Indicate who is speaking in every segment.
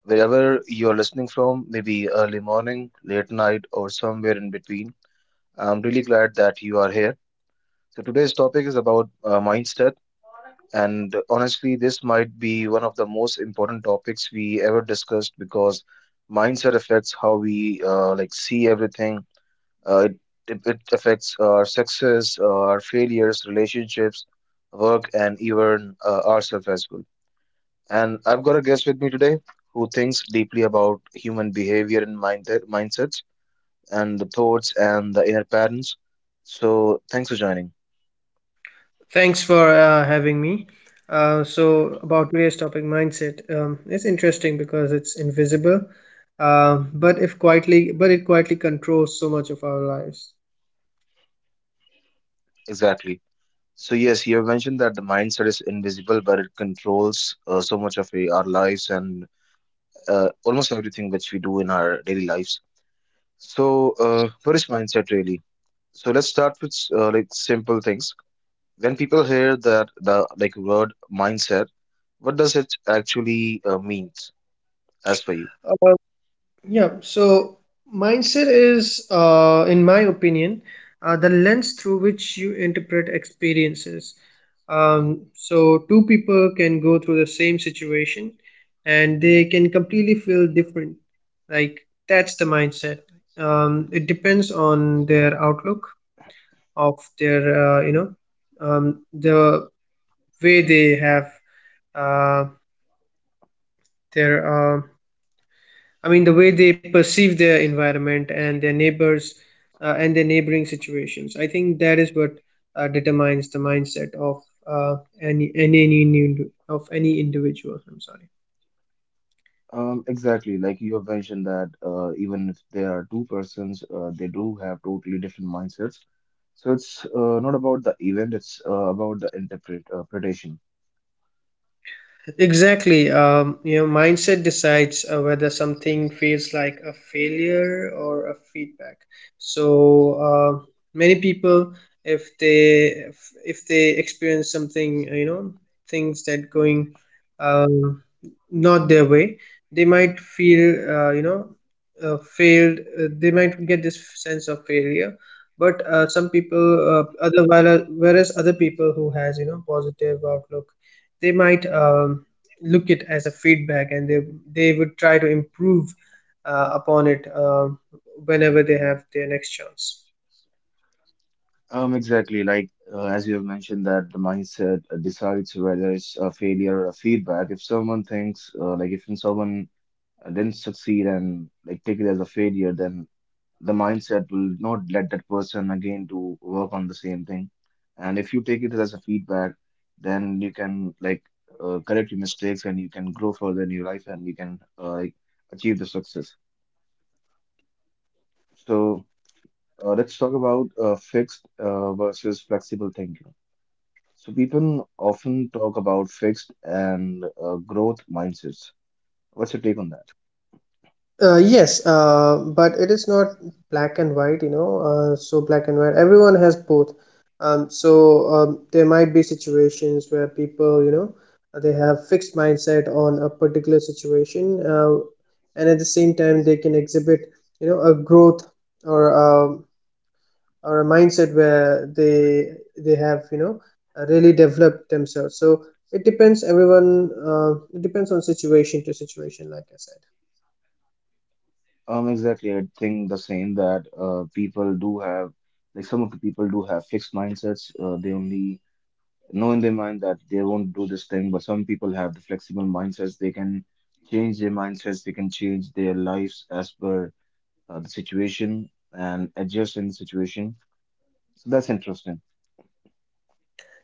Speaker 1: Wherever you're listening from, maybe early morning, late night, or somewhere in between, I'm really glad that you are here. So, today's topic is about mindset, and honestly, this might be one of the most important topics we ever discussed because mindset affects how we see everything. Uh, it, it affects our success, our failures, relationships, work, and even ourselves as well. And I've got a guest with me today who thinks deeply about human behavior and mindsets and the thoughts and the inner patterns. So thanks for joining.
Speaker 2: Thanks for having me. About today's topic, mindset, it's interesting because it's invisible, but if quietly, but it quietly controls so much of our lives.
Speaker 1: Exactly. So yes, you have mentioned that the mindset is invisible, but it controls so much of our lives and almost everything which we do in our daily lives. So what is mindset really? So let's start with simple things. When people hear that the word mindset, what does it actually mean as for you?
Speaker 2: Yeah, so mindset is, in my opinion, the lens through which you interpret experiences. Two people can go through the same situation and they can completely feel different. Like, that's the mindset. It depends on their outlook of their, the way they have uh, their uh, the way they perceive their environment and their neighbors and their neighboring situations. I think that is what determines the mindset of any new, of any individual. I'm sorry.
Speaker 1: Exactly. Like you have mentioned that even if there are two persons, they do have totally different mindsets. So it's not about the event, it's about the interpretation.
Speaker 2: Exactly. Mindset decides whether something feels like a failure or a feedback. So many people, if they experience something, things that going um, not their way, they might feel, failed. They might get this sense of failure. But some people, other whereas whereas other people who has, you know, positive outlook, they might. Look it as a feedback and they would try to improve upon it whenever they have their next chance.
Speaker 1: Exactly. Like as you have mentioned that the mindset decides whether it's a failure or a feedback. If someone thinks if someone didn't succeed and like take it as a failure, then the mindset will not let that person again to work on the same thing. And if you take it as a feedback, then you can correct your mistakes and you can grow further in your life and you can achieve the success. So let's talk about fixed versus flexible thinking. So people often talk about fixed and growth mindsets. What's your take on that?
Speaker 2: Yes, but it is not black and white, you know, so black and white. Everyone has both. Um, so there might be situations where people, you know, they have fixed mindset on a particular situation, and at the same time they can exhibit, you know, a growth or a mindset where they have, you know, really developed themselves. So it depends, everyone, it depends on situation to situation, like I said.
Speaker 1: Exactly. I think the same that people do have, like some of the people do have fixed mindsets. They only know in their mind that they won't do this thing, but some people have the flexible mindsets. They can change their mindsets, they can change their lives as per the situation and adjust in the situation. So that's interesting.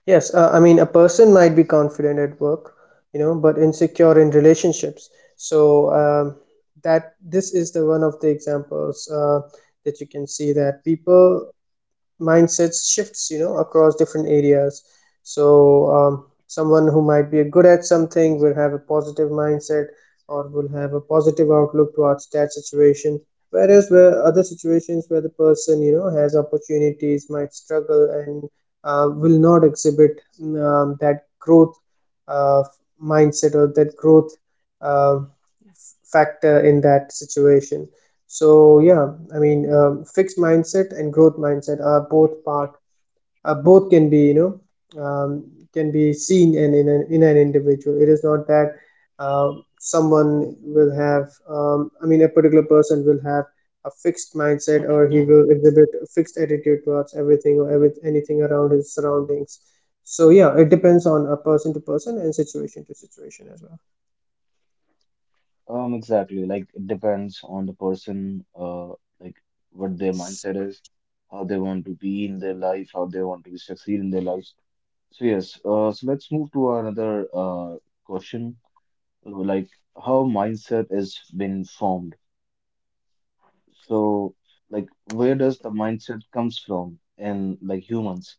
Speaker 2: Yes, I mean a person might be confident at work, you know, but insecure in relationships. So that this is the one of the examples that you can see that people mindset shifts, you know, across different areas. So someone who might be good at something will have a positive mindset or will have a positive outlook towards that situation, whereas where other situations where the person, you know, has opportunities might struggle and will not exhibit that growth uh, mindset or that growth um, factor in that situation. So yeah, I mean, fixed mindset and growth mindset are both part. Both can be, you know, can be seen in in an individual. It is not that uh, someone will have. I mean, a particular person will have a fixed mindset or he will exhibit a fixed attitude towards everything or anything around his surroundings. So yeah, it depends on a person to person and situation to situation as well.
Speaker 1: Exactly. Like it depends on the person, like what their mindset is, how they want to be in their life, how they want to succeed in their lives. So yes, so let's move to another question, like how mindset has been formed. So like where does the mindset comes from in like humans?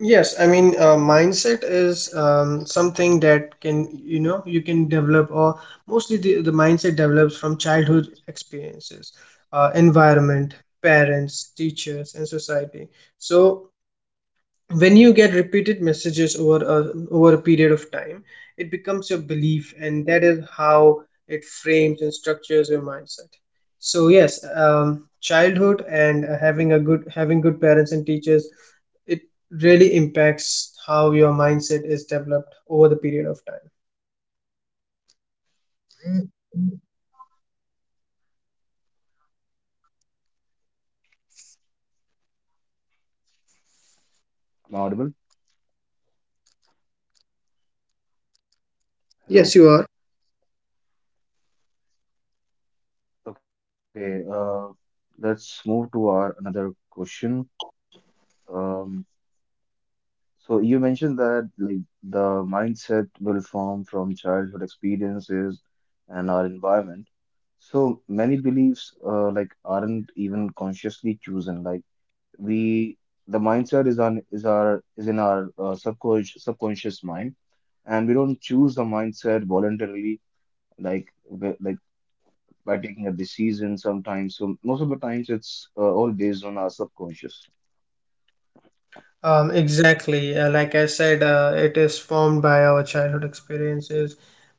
Speaker 2: Yes, I mean, mindset is something that can, you know, you can develop, or mostly the mindset develops from childhood experiences, environment, parents, teachers, and society. So when you get repeated messages over over a period of time, it becomes your belief, and that is how it frames and structures your mindset. So yes, childhood and having good parents and teachers, it really impacts how your mindset is developed over the period of time.
Speaker 3: Am I audible? Hello.
Speaker 2: Yes, you are.
Speaker 3: Okay. Let's move to our another question. Um, so you mentioned that like the mindset will form from childhood experiences and our environment. So many beliefs like aren't even consciously chosen. Like we, the mindset is on is our is in our subconscious mind, and we don't choose the mindset voluntarily. Like like by taking a decision sometimes. So most of the times it's all based on our subconscious.
Speaker 2: Exactly. Like I said, it is formed by our childhood experiences,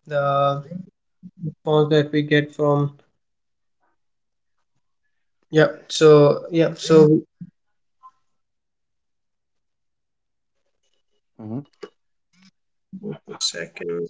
Speaker 2: the forms that we get from. Yeah. So yeah. So
Speaker 3: Hmm.
Speaker 2: second.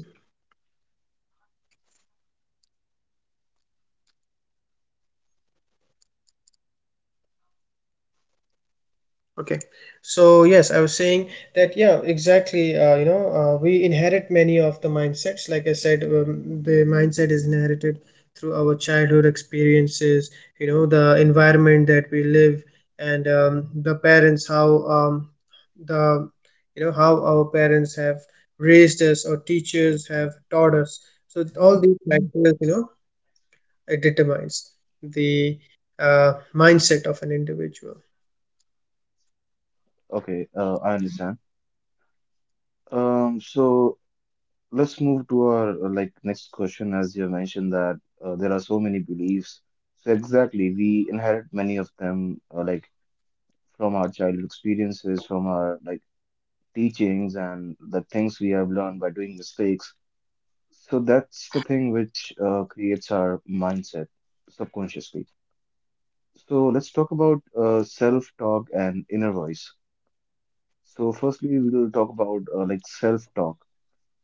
Speaker 2: Okay. So yes, I was saying that, yeah, exactly. We inherit many of the mindsets. Like I said, the mindset is inherited through our childhood experiences. You know, the environment that we live, and the parents, how um, the you know how our parents have raised us or teachers have taught us. So all these factors, you know, it determines the mindset of an individual.
Speaker 3: Okay, I understand. So let's move to our like next question. As you mentioned that there are so many beliefs. So exactly, we inherit many of them like from our childhood experiences, from our like teachings and the things we have learned by doing mistakes. So that's the thing which creates our mindset subconsciously. So let's talk about self-talk and inner voice. So firstly, we will talk about like self-talk,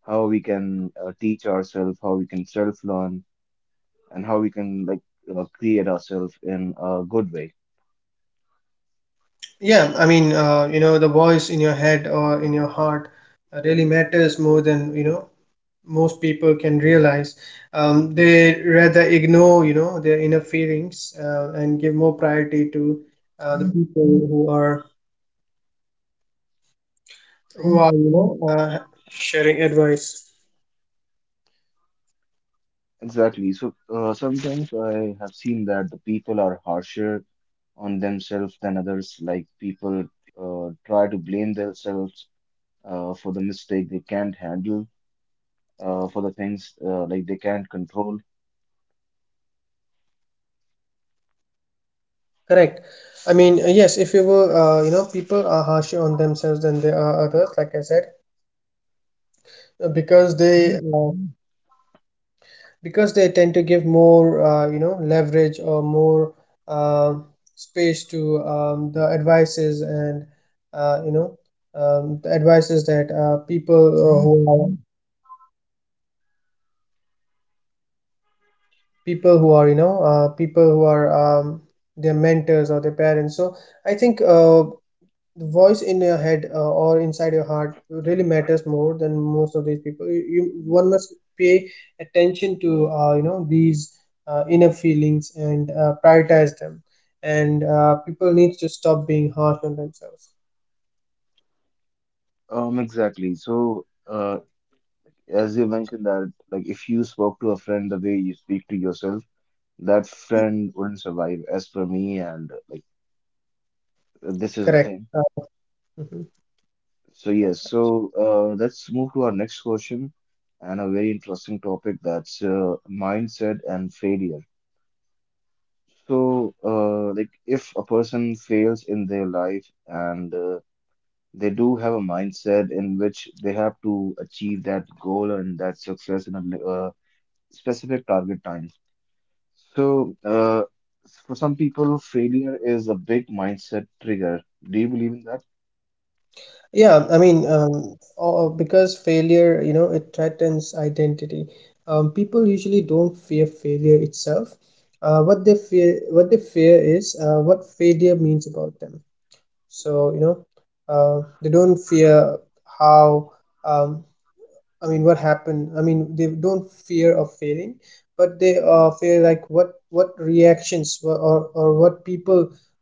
Speaker 3: how we can teach ourselves, how we can self-learn, and how we can like create ourselves in a good way.
Speaker 2: Yeah, I mean, the voice in your head or in your heart really matters more than, you know, most people can realize. They rather ignore, you know, their inner feelings and give more priority to the people who are who are, you know, uh, sharing advice.
Speaker 3: Exactly. So sometimes I have seen that the people are harsher on themselves than others. Like people try to blame themselves for the mistake they can't handle, for the things like they can't control.
Speaker 2: Correct. I mean, yes, if you will, people are harsher on themselves than they are others, like I said, uh, because they because they tend to give more you know, leverage or more uh, space to the advices and uh, you know the advices that people who are people who are, you know, people who are their mentors or their parents. So I think the voice in your head or inside your heart really matters more than most of these people. You one must pay attention to these inner feelings and prioritize them, and people need to stop being harsh on themselves.
Speaker 3: Exactly. So, as you mentioned that, like, if you spoke to a friend the way you speak to yourself, that friend wouldn't survive, as per me, and like, this is the
Speaker 2: Correct.
Speaker 3: thing.
Speaker 2: Mhm,
Speaker 3: So,
Speaker 2: that's
Speaker 3: yes,
Speaker 2: right.
Speaker 3: so let's move to our next question and a very interesting topic, that's mindset and failure. So, like, if a person fails in their life and they do have a mindset in which they have to achieve that goal and that success in a, specific target times. So, for some people, failure is a big mindset trigger. Do you believe in that?
Speaker 2: Yeah, I mean, because failure, you know, it threatens identity. People usually don't fear failure itself. What they fear is what failure means about them. So, you know, they don't fear how um, I mean what happened I mean they don't fear of failing, but they fear like what reactions or what people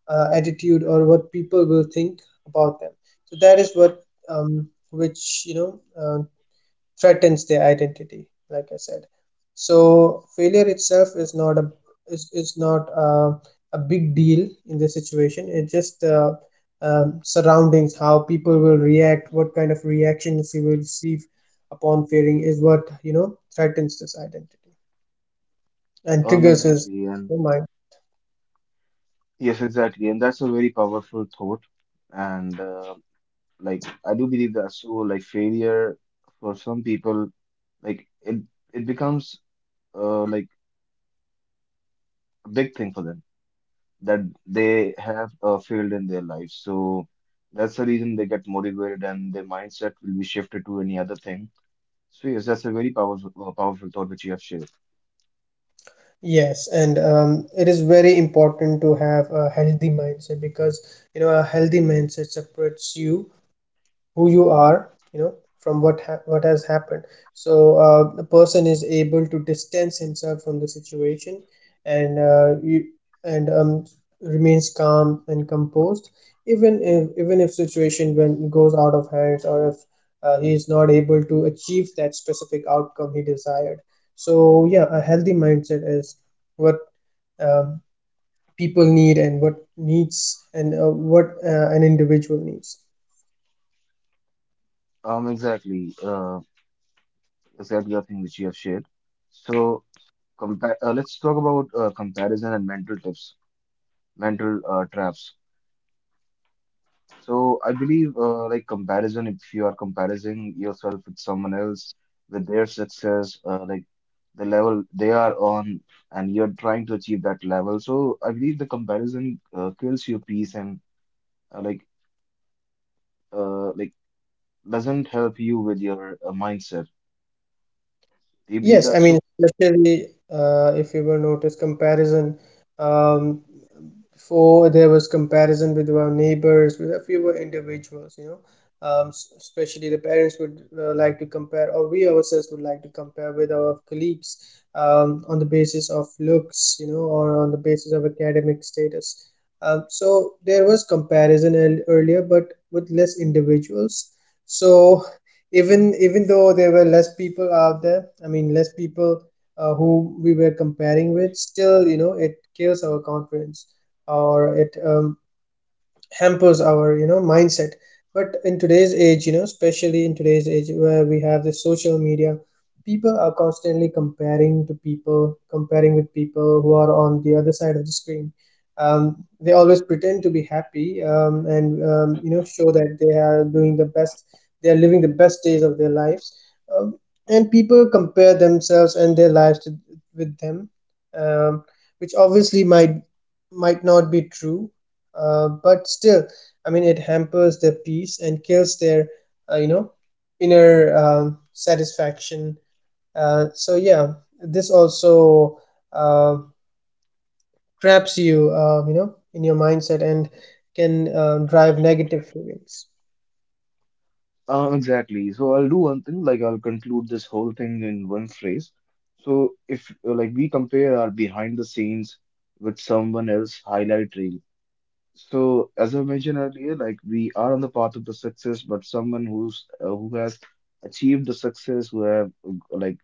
Speaker 2: attitude or what people will think about them. So that is what which, you know, threatens their identity, like I said. So failure itself is not a is not a big deal in this situation. It's just surroundings, how people will react, what kind of reactions you will receive upon failing is what, you know, threatens this identity and
Speaker 3: Um,
Speaker 2: triggers his
Speaker 3: exactly, and
Speaker 2: mind.
Speaker 3: yes, exactly, and that's a very powerful thought. And like, I do believe that. So, like, failure for some people, like it becomes like a big thing for them that they have failed in their life. So that's the reason they get motivated and their mindset will be shifted to any other thing. So yes, that's a very powerful, powerful thought which you have shared.
Speaker 2: Yes, and it is very important to have a healthy mindset, because, you know, a healthy mindset separates you, who you are, you know, from what has happened. So the person is able to distance himself from the situation and and um, remains calm and composed even if situation when goes out of hands, or if he is not able to achieve that specific outcome he desired. So yeah, a healthy mindset is what um, people need and what needs and what an individual needs.
Speaker 3: Exactly. Exactly the thing which you have shared. So let's talk about comparison and mental tips, mental traps. So I believe like comparison, if you are comparing yourself with someone else, with their success, like the level they are on, and you're trying to achieve that level. So I believe the comparison kills your peace and uh, like like doesn't help you with your mindset. They believe
Speaker 2: Yes, I
Speaker 3: that.
Speaker 2: mean,
Speaker 3: So,
Speaker 2: especially if you will notice comparison, um, before there was comparison with our neighbors with a fewer individuals, you know, especially the parents would like to compare, or we ourselves would like to compare with our colleagues, on the basis of looks, you know, or on the basis of academic status. So there was comparison earlier, but with less individuals. So even though there were less people out there, I mean less people who we were comparing with, still, you know, it kills our confidence or it hampers our, you know, mindset. But in today's age, you know, especially in today's age where we have this social media, people are constantly comparing with people who are on the other side of the screen. um, they always pretend to be happy, and you know, show that they are doing the best, they are living the best days of their lives. um, and people compare themselves and their lives to, with them, um, which obviously might not be true. But still, I mean, it hampers their peace and kills their uh, you know inner satisfaction. So yeah, this also uh, traps you, you know in your mindset, and can drive negative feelings.
Speaker 3: exactly. So, I'll do one thing, like, I'll conclude this whole thing in one phrase. So, if, like, we compare our behind the scenes with someone else highlight reel. So, as I mentioned earlier, like, we are on the path of the success, but someone who's, who has achieved the success, who have, like,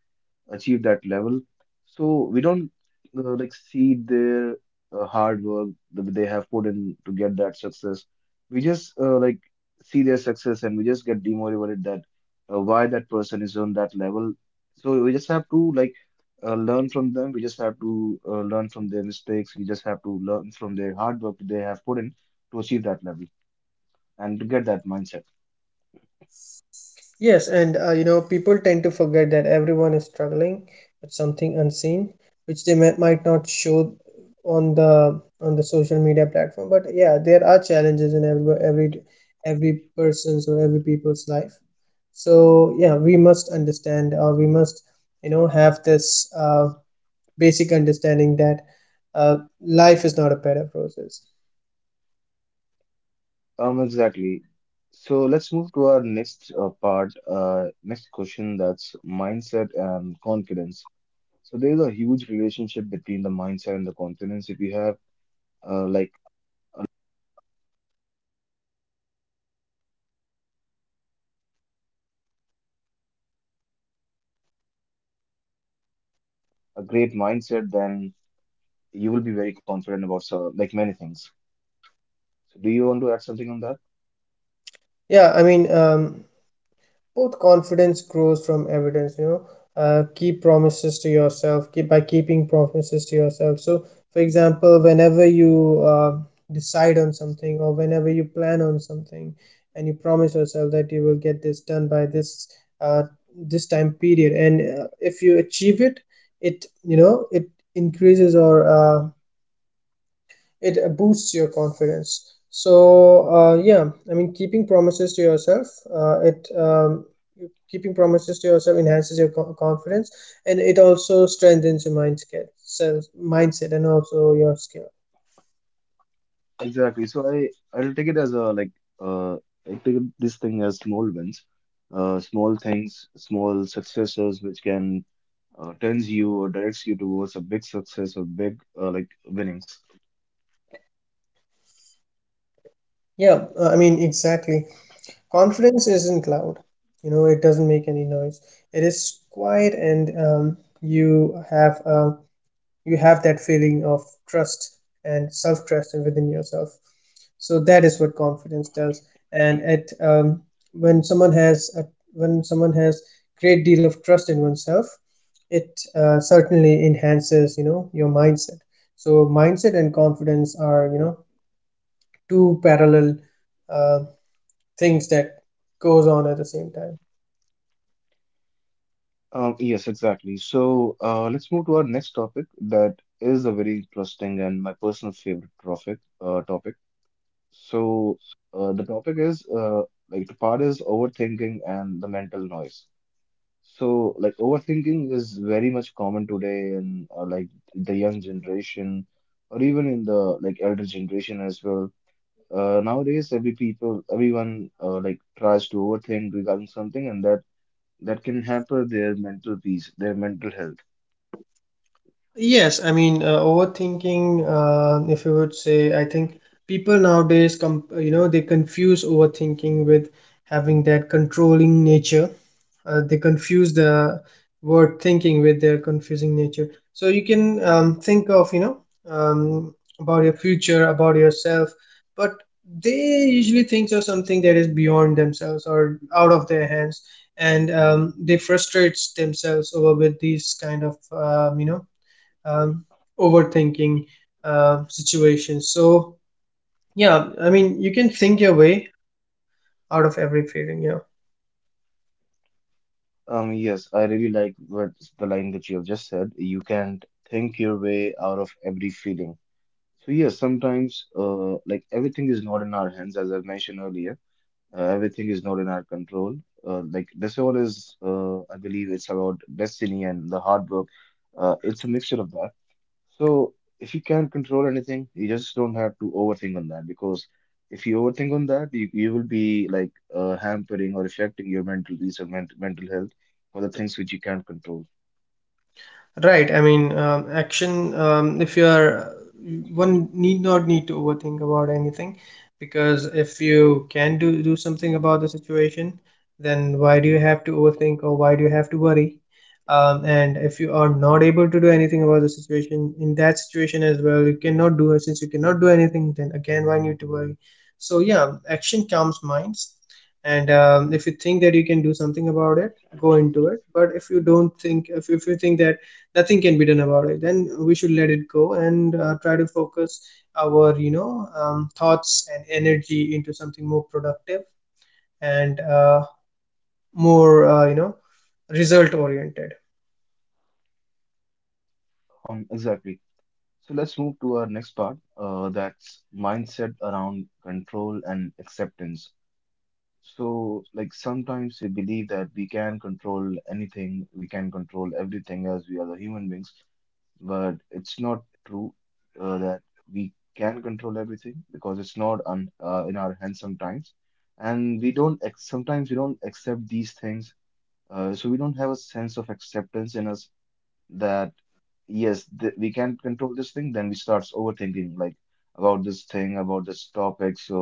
Speaker 3: achieve that level. So we don't like see their hard work that they have put in to get that success. We just like see their success and we just get demotivated that why that person is on that level. So we just have to like learn from them. We just have to learn from their mistakes. We just have to learn from their hard work they have put in to achieve that level and to get that mindset.
Speaker 2: Yes, and people tend to forget that everyone is struggling with something unseen, which they might not show on the social media platform. But yeah, there are challenges in every person's or every people's life. So yeah, we must understand, or we must, you know, have this basic understanding that uh, life is not a parallel process.
Speaker 3: Exactly. So let's move to our next part, next question, that's mindset and confidence. So there is a huge relationship between the mindset and the confidence. If you have, like
Speaker 4: A great mindset, then you will be very confident about so like many things. So do you want to add something on that?
Speaker 2: Yeah, I mean, um, Both confidence grows from evidence. Keep promises to yourself, keep by keeping promises to yourself. So for example, whenever you decide on something or whenever you plan on something and you promise yourself that you will get this done by uh, this time period, and if you achieve it it you know it increases or it boosts your confidence. So yeah, I mean, keeping promises to yourself, it keeping promises to yourself enhances your confidence, and it also strengthens your mindset and also your skill.
Speaker 4: Exactly. So I'll take it as a like uh this thing as small wins, small things, small successes which can turns you or directs you towards a big success or big like winnings.
Speaker 2: Yeah, I mean exactly, confidence isn't loud, you know, it doesn't make any noise, it is quiet, and you have um, you have that feeling of trust and self trust within yourself. So that is what confidence does. And it when someone has when someone has great deal of trust in oneself, it certainly enhances, you know, your mindset. So mindset and confidence are, you know, two parallel uh, things that goes on at the same time.
Speaker 4: Yes, exactly. So let's move to our next topic that is a very interesting and my personal favorite topic. So the topic is like the part is overthinking and the mental noise. So like overthinking is very much common today in like the young generation or even in the like elder generation as well. Nowadays, every people, everyone like tries to overthink regarding something, and that can hamper their mental peace, their mental health.
Speaker 2: Yes, I mean, overthinking, if you would say, I think people nowadays you know, they confuse overthinking with having that controlling nature. Uh, they confuse the word thinking with their confusing nature. So you can think of, you know, um, about your future, about yourself, but they usually think of something that is beyond themselves or out of their hands, and they frustrate themselves over with these kind of um, overthinking situations. So yeah, I mean, you can think your way out of every feeling. Yeah.
Speaker 4: Yes, I really like what the line that you have just said. You can't think your way out of every feeling. So yes, sometimes like everything is not in our hands, as I mentioned earlier. Everything is not in our control. Like this all is, I believe, it's about destiny and the hard work. It's a mixture of that. So if you can't control anything, you just don't have to overthink on that because if you overthink on that, you will be like hampering or affecting your mental peace or mental health for the things which you can't control.
Speaker 2: Right. I mean, action. If you are, one need not need to overthink about anything, because if you can do something about the situation, then why do you have to overthink or why do you have to worry? And if you are not able to do anything about the situation, in that situation as well, you cannot do, since you cannot do anything. Then again, why need to worry? So yeah, action calms minds. And if you think that you can do something about it, go into it. But if you don't think, if you think that nothing can be done about it, then we should let it go and try to focus our, you know, thoughts and energy into something more productive and more result oriented.
Speaker 4: Exactly. So let's move to our next part, that's mindset around control and acceptance. So, like sometimes we believe that we can control anything, we can control everything as we are the human beings, but it's not true that we can control everything because it's not un in our hands sometimes, and we don't ex sometimes we don't accept these things, so we don't have a sense of acceptance in us that yes, th we can't control this thing, then we start overthinking like about this thing, about this topic. So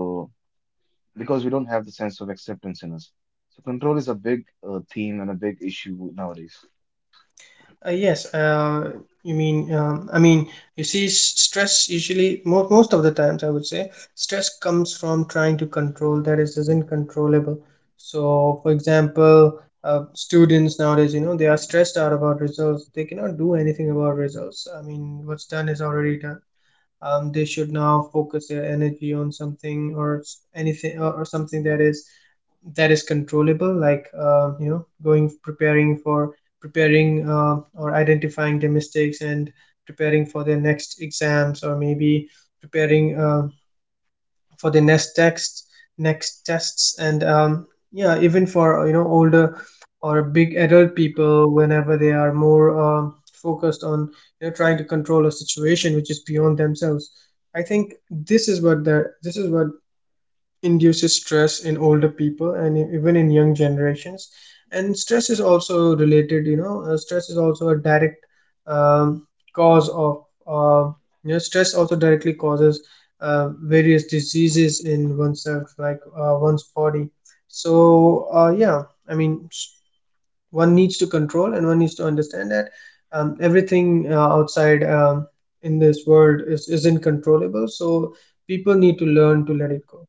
Speaker 4: because we don't have the sense of acceptance in us. So control is a big theme and a big issue nowadays.
Speaker 2: Yes, you mean, I mean, you see, stress usually, most of the times, I would say, stress comes from trying to control that is, isn't controllable. So for example, students nowadays, you know, they are stressed out about results. They cannot do anything about results. I mean, what's done is already done. They should now focus their energy on something anything, or something that is controllable, like going preparing for preparing or identifying their mistakes and preparing for their next exams, or maybe preparing for the next tests and yeah, even for, you know, older or big adult people, whenever they are more focused on, you know, trying to control a situation which is beyond themselves, I think this is what the this is what induces stress in older people and even in young generations. And stress is also related, you know, stress is also a direct um, cause of stress also directly causes various diseases in oneself, like one's body. So yeah, I mean, one needs to control and one needs to understand that everything outside in this world is, isn't controllable, so people need to learn to let it go.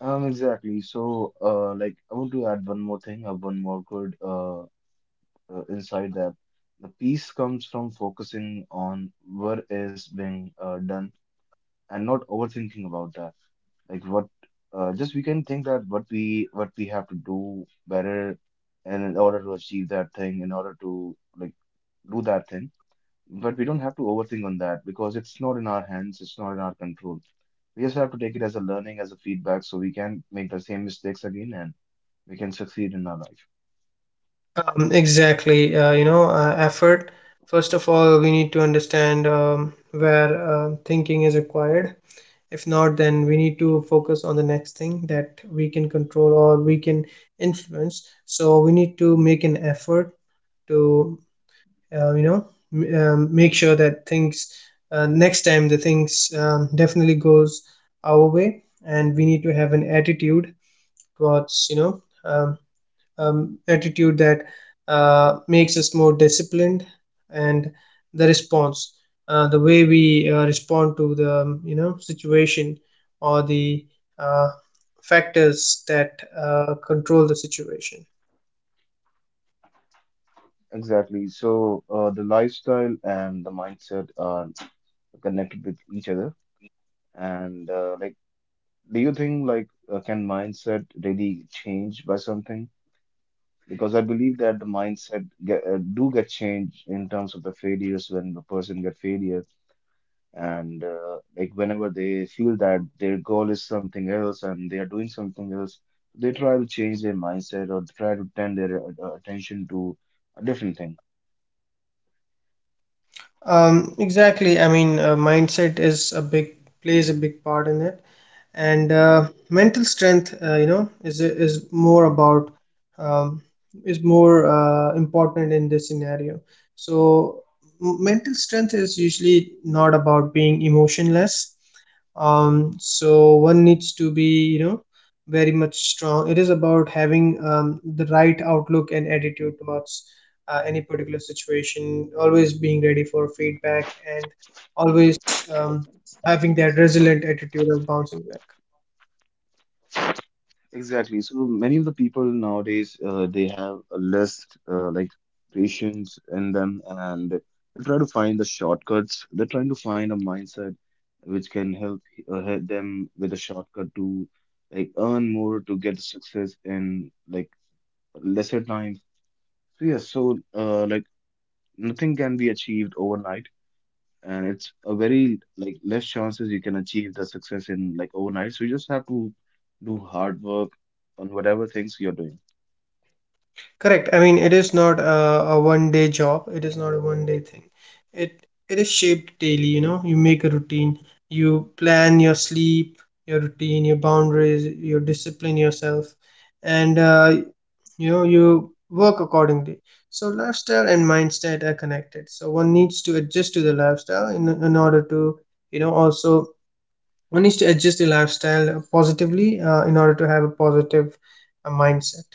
Speaker 4: Exactly. So, like I want to add one more thing, one more good insight that the peace comes from focusing on what is being done and not overthinking about that. Like what just we can think that what we have to do better and in order to achieve that thing in order to like do that thing, but we don't have to overthink on that because it's not in our hands, it's not in our control. We just have to take it as a learning, as a feedback, so we can make the same mistakes again and we can succeed in our life.
Speaker 2: Exactly. You know, effort. First of all, we need to understand where thinking is required. If not, then we need to focus on the next thing that we can control or we can influence. So we need to make an effort to, you know, make sure that things next time the things definitely goes our way, and we need to have an attitude towards, you know, attitude that makes us more disciplined, and the response, the way we respond to the situation or the uh, factors that control the situation.
Speaker 4: Exactly. So the lifestyle and the mindset are connected with each other, and like do you think like can mindset really change by something? Because I believe that the mindset get, do get changed in terms of the failures when the person get failure, and like whenever they feel that their goal is something else and they are doing something else, they try to change their mindset or try to turn their attention to a different thing.
Speaker 2: Exactly, I mean, mindset is a big plays a big part in it, and mental strength, you know, is more about, um, is more important in this scenario. So mental strength is usually not about being emotionless. So one needs to be, you know, very much strong. It is about having the right outlook and attitude towards any particular situation, always being ready for feedback, and always um, having that resilient attitude of bouncing back.
Speaker 4: Exactly. So many of the people nowadays, they have a list, like patience in them, and they try to find the shortcuts. They're trying to find a mindset which can help them with a shortcut to like earn more, to get success in like lesser time. So yeah, so like nothing can be achieved overnight, and it's a very like less chances you can achieve the success in like overnight. So you just have to do hard work on whatever things you're doing.
Speaker 2: Correct. I mean, it is not a one day job. It is not a one day thing. It it is shaped daily, you know. You make a routine. You plan your sleep, your routine, your boundaries, you discipline yourself, and you know, you work accordingly. So lifestyle and mindset are connected. So one needs to adjust to the lifestyle in order to, you know, also one needs to adjust the lifestyle positively in order to have a positive mindset.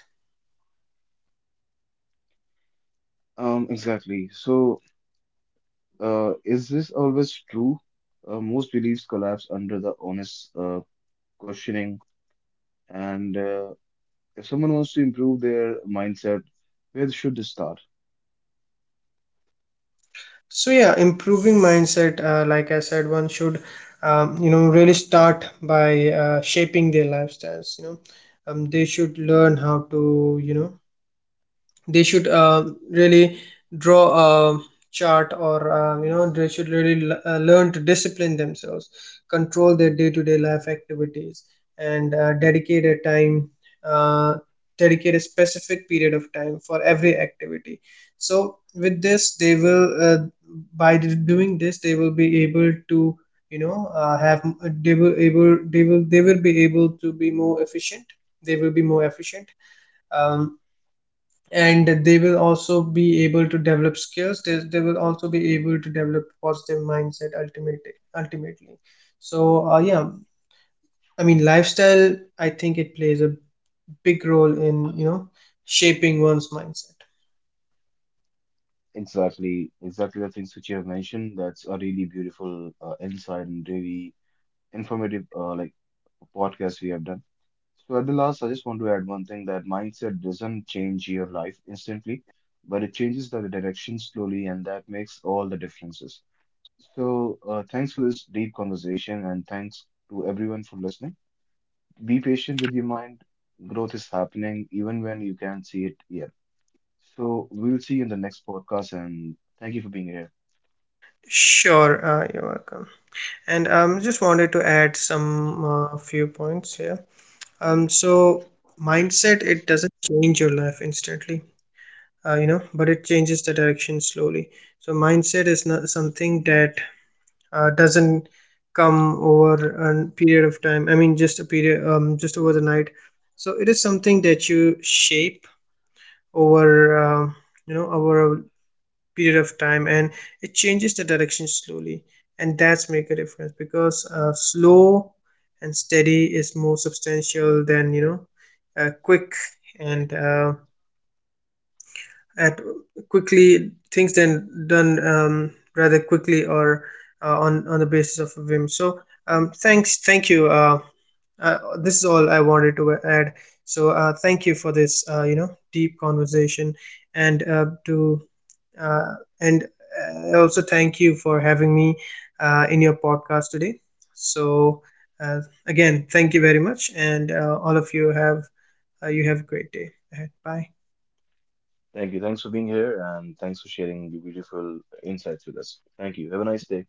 Speaker 4: Exactly. So, is this always true? Most beliefs collapse under the honest questioning. And if someone wants to improve their mindset, where should they start?
Speaker 2: So yeah, improving mindset, like I said, one should, you know, really start by shaping their lifestyles. You know, they should learn how to, you know, they should really draw a chart, or you know, they should really learn to discipline themselves, control their day-to-day life activities, and dedicate a time, uh, dedicate a specific period of time for every activity. So with this they will by doing this they will be able to, you know, have they will able they will, they will be able to be more efficient. They will be more efficient, um, and they will also be able to develop skills. They will also be able to develop positive mindset ultimately. So yeah, I mean, lifestyle, I think it plays a big role in, you know, shaping one's mindset.
Speaker 4: Exactly, exactly the things which you have mentioned. That's a really beautiful insight and really informative like podcast we have done. So at the last, I just want to add one thing that mindset doesn't change your life instantly, but it changes the direction slowly, and that makes all the differences. So, thanks for this deep conversation and thanks to everyone for listening. Be patient with your mind. Growth is happening even when you can't see it yet. So, we'll see you in the next podcast and thank you for being here.
Speaker 2: Sure, you're welcome. And just wanted to add some few points here. So mindset, it doesn't change your life instantly, you know, but it changes the direction slowly. So mindset is not something that doesn't come over a period of time, I mean, just a period just over the night. So it is something that you shape over, um you know, over a period of time, and it changes the direction slowly, and that's make a difference, because slow and steady is more substantial than, you know, quick and at quickly things then done, rather quickly or on the basis of a whim. So thanks, thank you, this is all I wanted to add. So thank you for this you know, deep conversation, and to and also thank you for having me in your podcast today. So again, thank you very much, and all of you have a great day ahead. Bye bye.
Speaker 4: Thank you. Thanks for being here and thanks for sharing your beautiful insights with us. Thank you. Have a nice day.